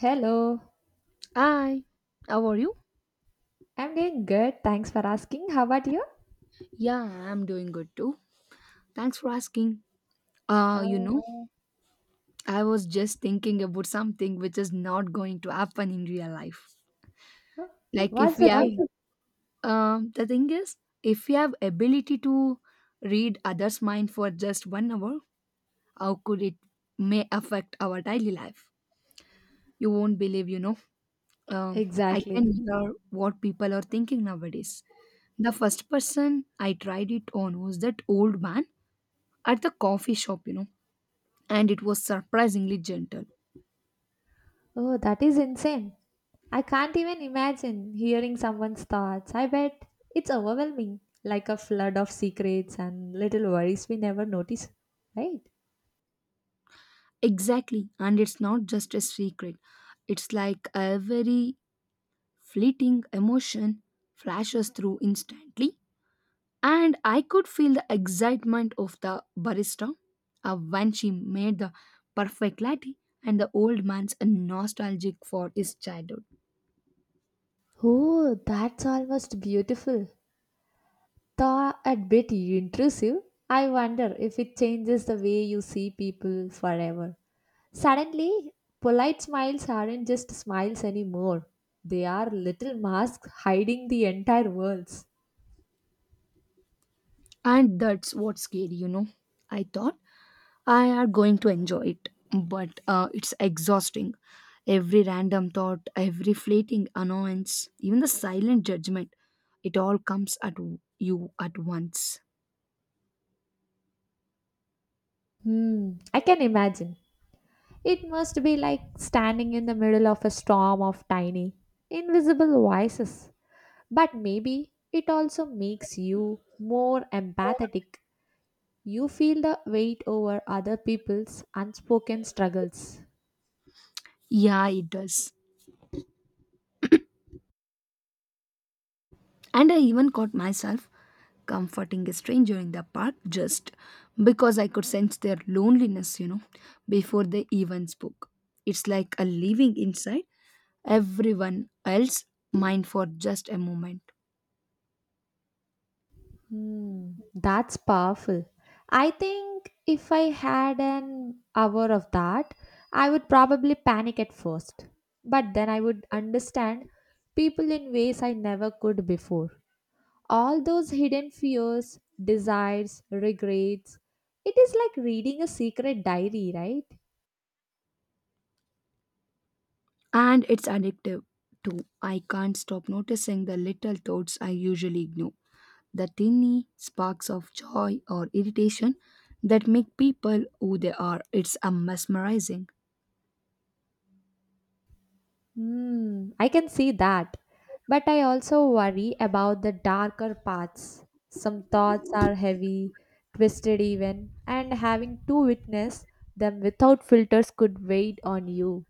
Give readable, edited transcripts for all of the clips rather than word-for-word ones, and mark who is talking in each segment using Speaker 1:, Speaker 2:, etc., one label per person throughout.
Speaker 1: Hello,
Speaker 2: Hi, how are you?
Speaker 1: I'm doing good. Thanks for asking. How about you?
Speaker 2: Yeah, I'm doing good too. Thanks for asking. Uh, you
Speaker 1: Uh,
Speaker 2: know, I was just thinking about something which is not going to happen in real life. Like if
Speaker 1: what's
Speaker 2: we
Speaker 1: the
Speaker 2: have,
Speaker 1: thing?
Speaker 2: What? The thing is, if we have ability to read others' mind for just one hour, how could it may affect our daily life? You won't believe. Um, I can
Speaker 1: Exactly.
Speaker 2: hear what people are thinking nowadays. The first person I tried it on was that old man at the coffee shop, and it was surprisingly gentle.
Speaker 1: Oh, that is insane. I can't even imagine hearing someone's thoughts. I bet it's overwhelming, like a flood of secrets and little worries we never notice, right?
Speaker 2: Exactly, and it's not just a secret. It's like a very fleeting emotion flashes through instantly, and I could feel the excitement of the barista when she made the perfect latte and the old man's nostalgic for his childhood.
Speaker 1: Oh, that's almost beautiful. Though a bit intrusive, I wonder if it changes the way you see people forever. Suddenly, polite smiles aren't just smiles anymore. They are little masks hiding the entire worlds.
Speaker 2: And that's what's scary. I thought I are going to enjoy it, but it's exhausting. Every random thought, every fleeting annoyance, even the silent judgment, it all comes at you at once.
Speaker 1: Hmm, I can imagine. It must be like standing in the middle of a storm of tiny, invisible voices. But maybe it also makes you more empathetic. You feel the weight over other people's unspoken struggles.
Speaker 2: Yeah, it does. And I even caught myself comforting a stranger in the park just because I could sense their loneliness, before they even spoke. It's like a living inside everyone else mind for just a moment.
Speaker 1: Hmm, that's powerful. I think if I had an hour of that, I would probably panic at first. But then I would understand people in ways I never could before. All those hidden fears, desires, regrets. It is like reading a secret diary, right?
Speaker 2: And it's addictive too. I can't stop noticing the little thoughts I usually ignore, the tiny sparks of joy or irritation that make people who they are. It's a mesmerizing.
Speaker 1: Hmm, I can see that. But I also worry about the darker parts. Some thoughts are heavy, twisted even, and having to witness them without filters could weigh on you.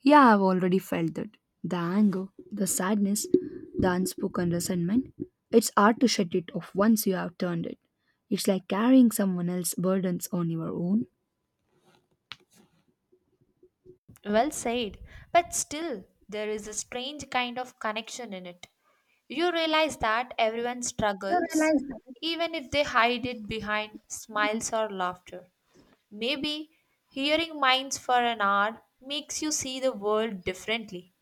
Speaker 2: Yeah, I've already felt that. The anger, the sadness, the unspoken resentment. It's hard to shut it off once you have turned it. It's like carrying someone else's burdens on your own.
Speaker 1: Well said. But still, there is a strange kind of connection in it. You realize that everyone
Speaker 2: You
Speaker 1: struggles,
Speaker 2: realize that?
Speaker 1: even if they hide it behind smiles or laughter. Maybe hearing minds for an hour makes you see the world differently.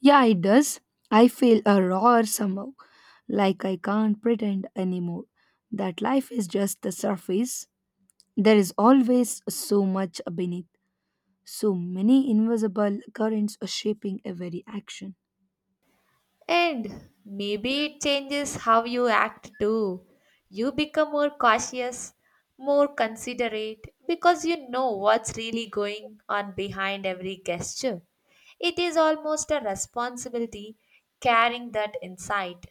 Speaker 2: Yeah, it does. I feel a roar somehow, like I can't pretend anymore that life is just the surface. There is always so much beneath, so many invisible currents shaping every action.
Speaker 1: And maybe it changes how you act too. You become more cautious, more considerate because you know what's really going on behind every gesture. It is almost a responsibility carrying that insight.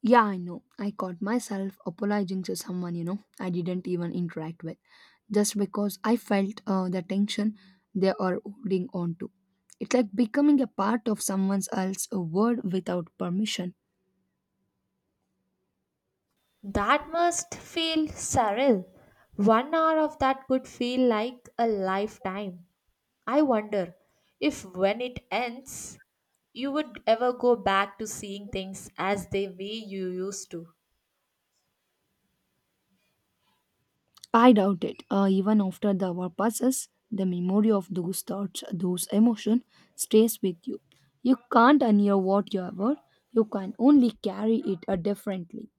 Speaker 2: Yeah, I know. I caught myself apologizing to someone, I didn't even interact with, just because I felt the tension they are holding on to. It's like becoming a part of someone else's world without permission.
Speaker 1: That must feel surreal. 1 hour of that could feel like a lifetime. I wonder if when it ends, you would ever go back to seeing things as the way you used to.
Speaker 2: I doubt it. Even after the hour passes, the memory of those thoughts, those emotions, stays with you. You can't unhear what you were. You can only carry it differently.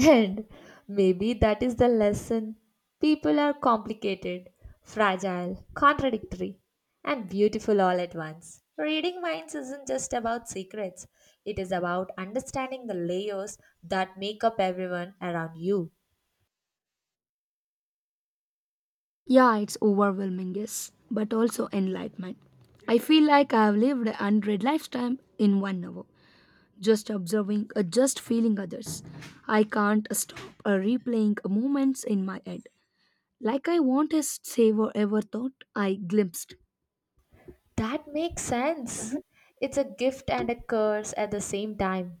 Speaker 1: And maybe that is the lesson. People are complicated, fragile, contradictory, and beautiful all at once. Reading minds isn't just about secrets, it is about understanding the layers that make up everyone around you.
Speaker 2: Yeah, it's overwhelming, yes, but also enlightenment. I feel like I have lived a hundred lifetime in one hour, just observing, just feeling others. I can't stop replaying moments in my head, like I want to savor every thought I glimpsed.
Speaker 1: That makes sense. It's a gift and a curse at the same time.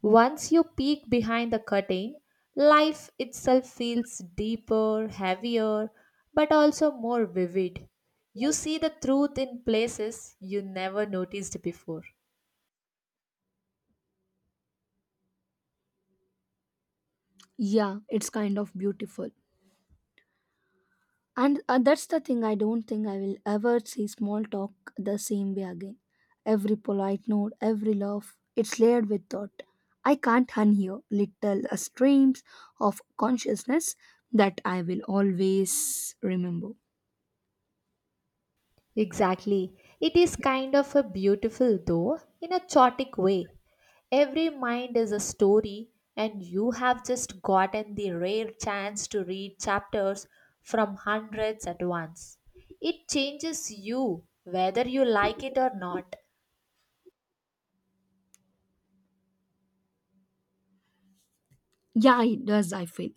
Speaker 1: Once you peek behind the curtain, life itself feels deeper, heavier, but also more vivid. You see the truth in places you never noticed before.
Speaker 2: Yeah, it's kind of beautiful. And that's the thing, I don't think I will ever see small talk the same way again. Every polite note, every laugh, it's layered with thought. I can't unhear little streams of consciousness that I will always remember.
Speaker 1: Exactly. It is kind of a beautiful, though, in a chaotic way. Every mind is a story, and you have just gotten the rare chance to read chapters from hundreds at once. It changes you, whether you like it or not.
Speaker 2: Yeah, it does. I feel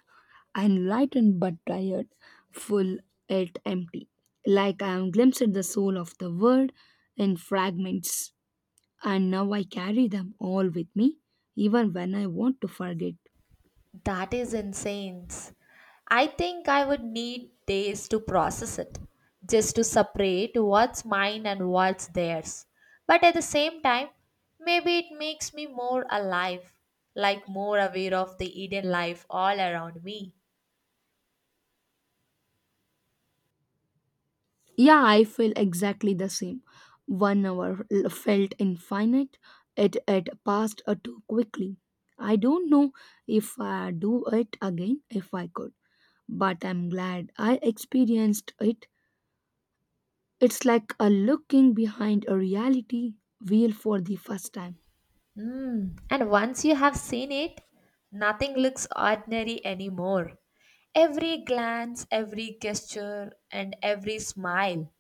Speaker 2: enlightened but tired, full yet empty, like I am glimpsed the soul of the world in fragments, and now I carry them all with me even when I want to forget.
Speaker 1: That is insane. I think I would need days to process it, just to separate what's mine and what's theirs. But at the same time, maybe it makes me more alive, like more aware of the hidden life all around me.
Speaker 2: Yeah, I feel exactly the same. One hour felt infinite. It passed too quickly. I don't know if I do it again if I could, but I'm glad I experienced it. It's like a looking behind a reality wheel for the first time.
Speaker 1: Mm. And once you have seen it, nothing looks ordinary anymore. Every glance, every gesture, and every smile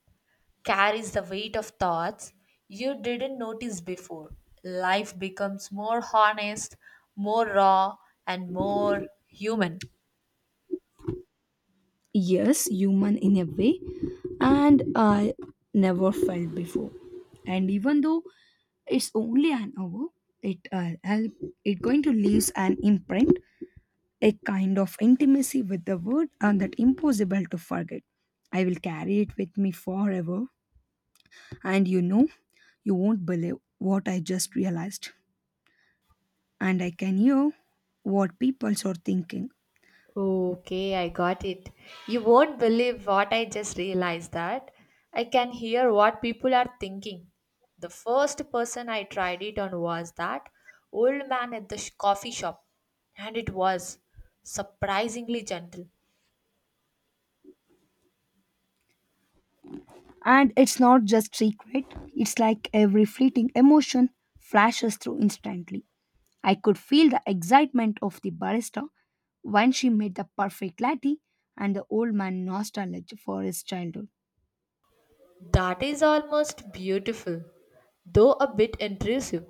Speaker 1: carries the weight of thoughts you didn't notice before. Life becomes more honest, more raw, and more human.
Speaker 2: Yes, human in a way, and I never felt before, and even though it's only an hour, it it going to leaves an imprint, a kind of intimacy with the word and that impossible to forget. I will carry it with me forever. And you know You won't believe what I just realized, and I can hear what people are thinking.
Speaker 1: Okay, I got it. You won't believe what I just realized that I can hear what people are thinking. The first person I tried it on was that old man at the coffee shop, and it was surprisingly gentle.
Speaker 2: And it's not just secret, it's like every fleeting emotion flashes through instantly. I could feel the excitement of the barista when she made the perfect latte and the old man nostalgia for his childhood.
Speaker 1: That is almost beautiful, though a bit intrusive.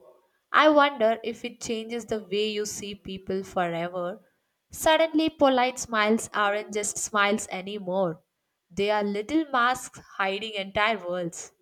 Speaker 1: I wonder if it changes the way you see people forever. Suddenly, polite smiles aren't just smiles anymore, they are little masks hiding entire worlds.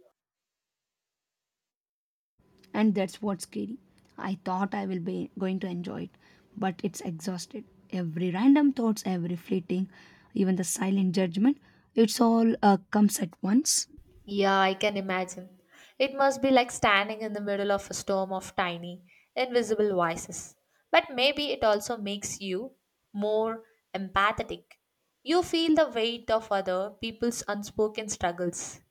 Speaker 2: And that's what's scary. I thought I will be going to enjoy it, but it's exhausted. Every random thoughts, every fleeting, even the silent judgment, it's all comes at once.
Speaker 1: Yeah, I can imagine. It must be like standing in the middle of a storm of tiny, invisible voices. But maybe it also makes you more empathetic. You feel the weight of other people's unspoken struggles.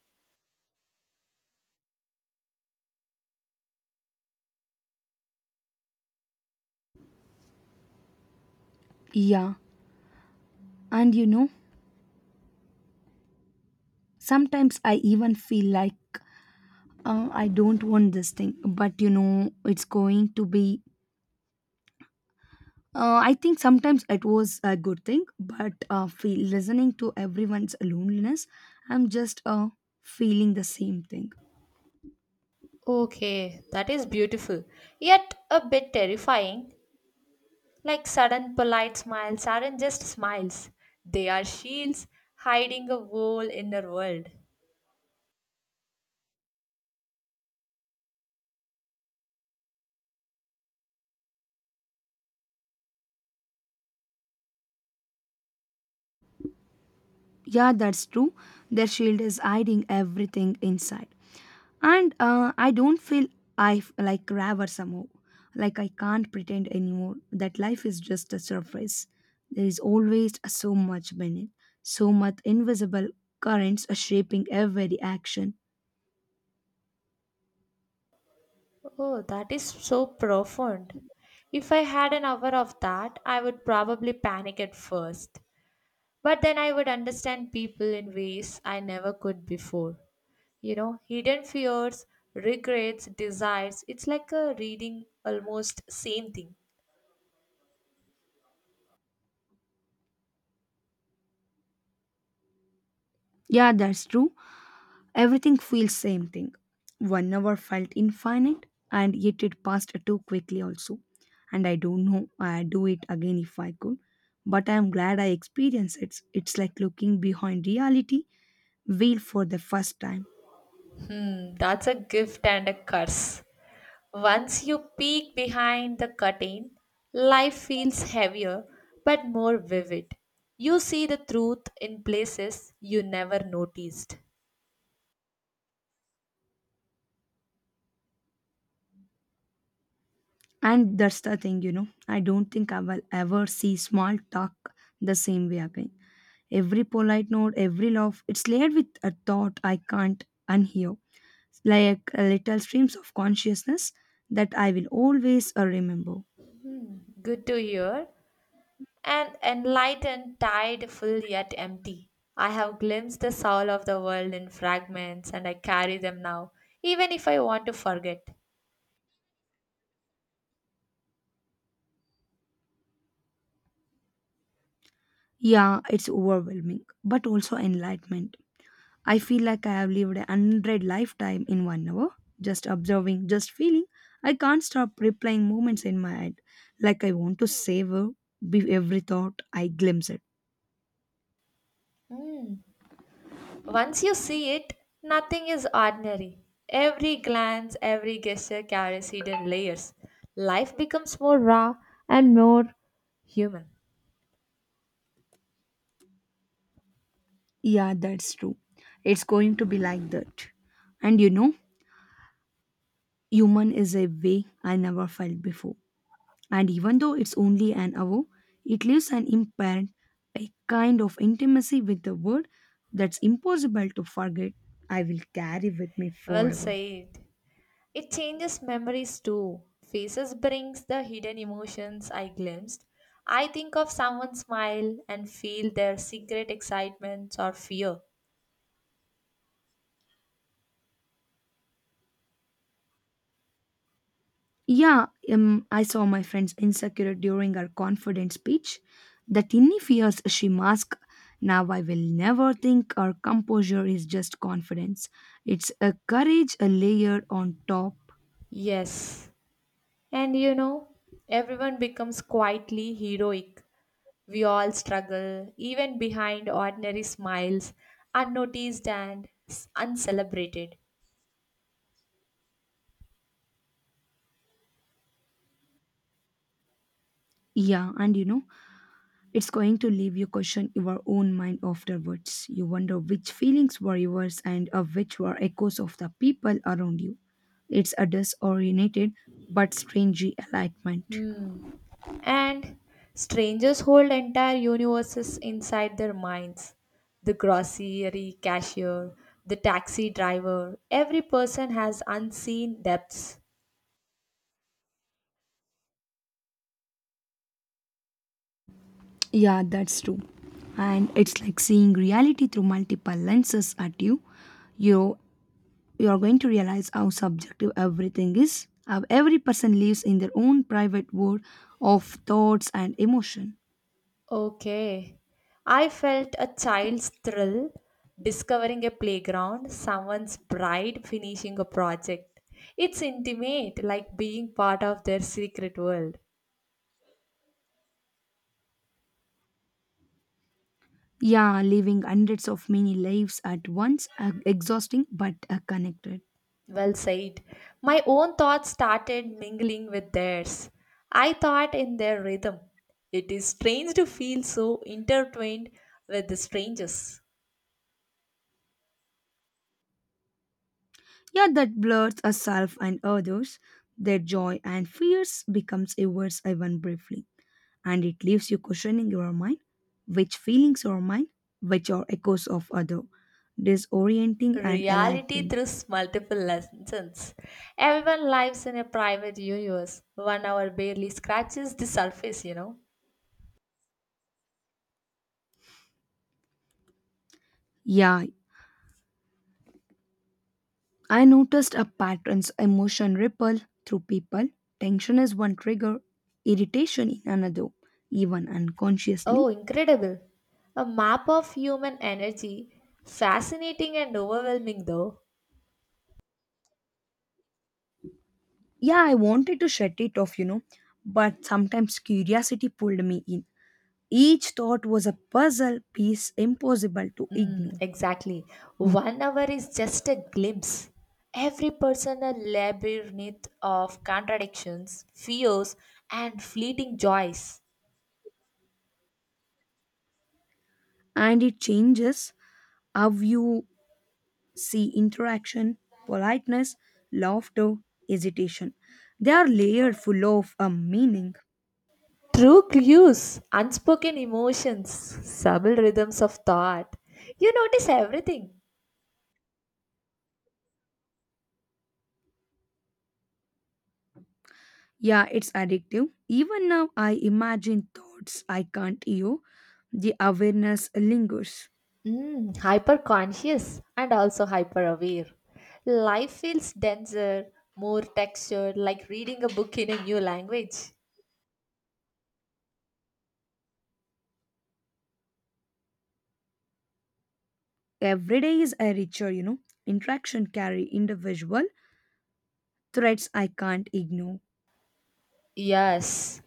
Speaker 2: Yeah, and you know, sometimes I even feel like I don't want this thing, but it's going to be. I think sometimes it was a good thing, but feel, listening to everyone's loneliness, I'm just feeling the same thing.
Speaker 1: Okay, that is beautiful, yet a bit terrifying. Like sudden polite smiles aren't just smiles, they are shields hiding a whole inner world.
Speaker 2: Yeah, that's true. Their shield is hiding everything inside. And I don't feel like raver somehow. Like I can't pretend anymore that life is just a surface. There is always so much beneath, so much invisible currents are shaping every action.
Speaker 1: Oh, that is so profound. If I had an hour of that, I would probably panic at first. But then I would understand people in ways I never could before. You know, hidden fears, regrets, desires. It's like a reading almost same thing.
Speaker 2: Yeah, that's true. Everything feels same thing. One hour felt infinite and yet it passed too quickly also. And I don't know I'd do it again if I could. But I'm glad I experienced it. It's like looking behind reality veil for the first time.
Speaker 1: Hmm, that's a gift and a curse. Once you peek behind the curtain, life feels heavier but more vivid. You see the truth in places you never noticed.
Speaker 2: And that's the thing. I don't think I will ever see small talk the same way again. Every polite note, every laugh, it's layered with a thought I can't unhear, like a little streams of consciousness that I will always remember.
Speaker 1: Good to hear. And enlightened, tired, full yet empty. I have glimpsed the soul of the world in fragments and I carry them now, even if I want to forget.
Speaker 2: Yeah, it's overwhelming, but also enlightenment. I feel like I have lived a hundred lifetime in one hour, just observing, just feeling. I can't stop replaying moments in my head, like I want to savor every thought I glimpse it.
Speaker 1: Hmm. Once you see it, nothing is ordinary. Every glance, every gesture carries hidden layers. Life becomes more raw and more human.
Speaker 2: Yeah, that's true. It's going to be like that. And human is a way I never felt before. And even though it's only an hour, it leaves an imprint, a kind of intimacy with the word that's impossible to forget. I will carry with me
Speaker 1: Well
Speaker 2: forever.
Speaker 1: said. It changes memories too. Faces brings the hidden emotions I glimpsed. I think of someone's smile and feel their secret excitement or fear.
Speaker 2: Yeah, I saw my friend's insecure during her confident speech. The tiny fears she masked. Now I will never think her composure is just confidence. It's a courage, a layer on top.
Speaker 1: Yes. And you know, everyone becomes quietly heroic. We all struggle, even behind ordinary smiles, unnoticed and uncelebrated.
Speaker 2: Yeah, it's going to leave you question your own mind afterwards. You wonder which feelings were yours and of which were echoes of the people around you. It's a disoriented but strange enlightenment.
Speaker 1: Hmm. And strangers hold entire universes inside their minds. The grocery cashier, the taxi driver, every person has unseen depths.
Speaker 2: Yeah, that's true. And it's like seeing reality through multiple lenses at you. You you're going to realize how subjective everything is. How every person lives in their own private world of thoughts and emotion.
Speaker 1: Okay. I felt a child's thrill discovering a playground, someone's pride finishing a project. It's intimate, like being part of their secret world.
Speaker 2: Yeah, living hundreds of many lives at once, are exhausting but are connected.
Speaker 1: Well said. My own thoughts started mingling with theirs. I thought in their rhythm. It is strange to feel so intertwined with the strangers.
Speaker 2: Yeah, that blurs a self and others. Their joy and fears becomes a worse even briefly, and it leaves you questioning your mind, which feelings are mine, which are echoes of other, disorienting and
Speaker 1: Reality
Speaker 2: enlightening.
Speaker 1: through multiple lessons. Everyone lives in a private universe. 1 hour barely scratches the surface, you know.
Speaker 2: Yeah, I noticed a pattern's emotion ripple through people. Tension is one trigger, irritation in another, even unconsciously.
Speaker 1: Oh, incredible! A map of human energy. Fascinating and overwhelming, though.
Speaker 2: Yeah, I wanted to shut it off, you know, but sometimes curiosity pulled me in. Each thought was a puzzle piece impossible to
Speaker 1: Mm,
Speaker 2: ignore,
Speaker 1: exactly. 1 hour is just a glimpse. Every person a labyrinth of contradictions, fears, and fleeting joys.
Speaker 2: and it changes how you see interaction, politeness, laughter, hesitation. They are layered full of a meaning.
Speaker 1: True clues, unspoken emotions, subtle rhythms of thought. You notice everything.
Speaker 2: Yeah, it's addictive. Even now, I imagine thoughts I can't hear. The awareness lingers.
Speaker 1: Mm, hyper conscious and also hyper aware. Life feels denser, more textured, like reading a book in a new language.
Speaker 2: Every day is a richer. Interaction carry individual threats I can't ignore.
Speaker 1: Yes,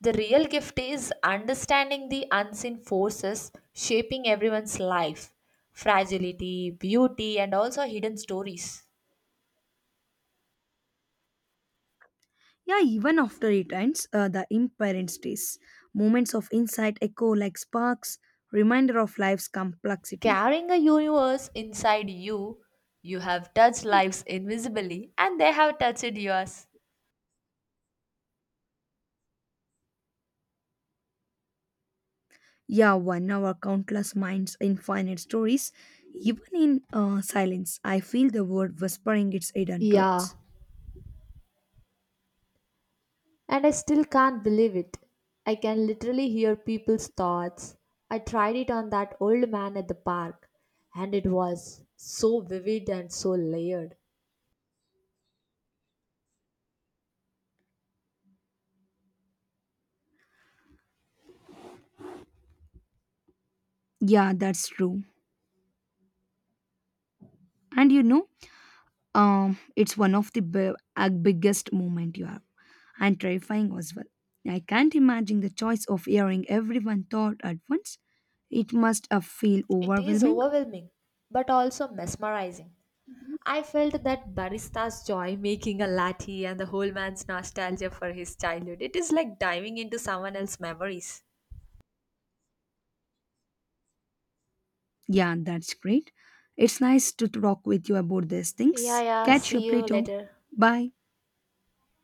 Speaker 1: the real gift is understanding the unseen forces shaping everyone's life fragility, beauty, and also hidden stories.
Speaker 2: Yeah, even after it ends, the imperent stays. Moments of insight echo like sparks, reminder of life's complexity.
Speaker 1: Carrying a universe inside you. You have touched lives invisibly, and they have touched yours.
Speaker 2: Yeah, one hour, countless minds, infinite stories. Even in silence, I feel the world whispering its hidden
Speaker 1: Yeah,
Speaker 2: truths.
Speaker 1: and I still can't believe it. I can literally hear people's thoughts. I tried it on that old man at the park, and it was so vivid and so layered.
Speaker 2: Yeah, that's true. And it's one of the biggest moment you have, and terrifying as well. I can't imagine the choice of hearing everyone thought at once. It must have feel
Speaker 1: It is
Speaker 2: overwhelming.
Speaker 1: overwhelming, but also mesmerizing. I felt that barista's joy making a latte and the whole man's nostalgia for his childhood. It is like diving into someone else's memories.
Speaker 2: Yeah, that's great. It's nice to talk with you about these
Speaker 1: Yeah,
Speaker 2: things.
Speaker 1: yeah.
Speaker 2: Catch you
Speaker 1: See
Speaker 2: up
Speaker 1: you
Speaker 2: later.
Speaker 1: later.
Speaker 2: Bye.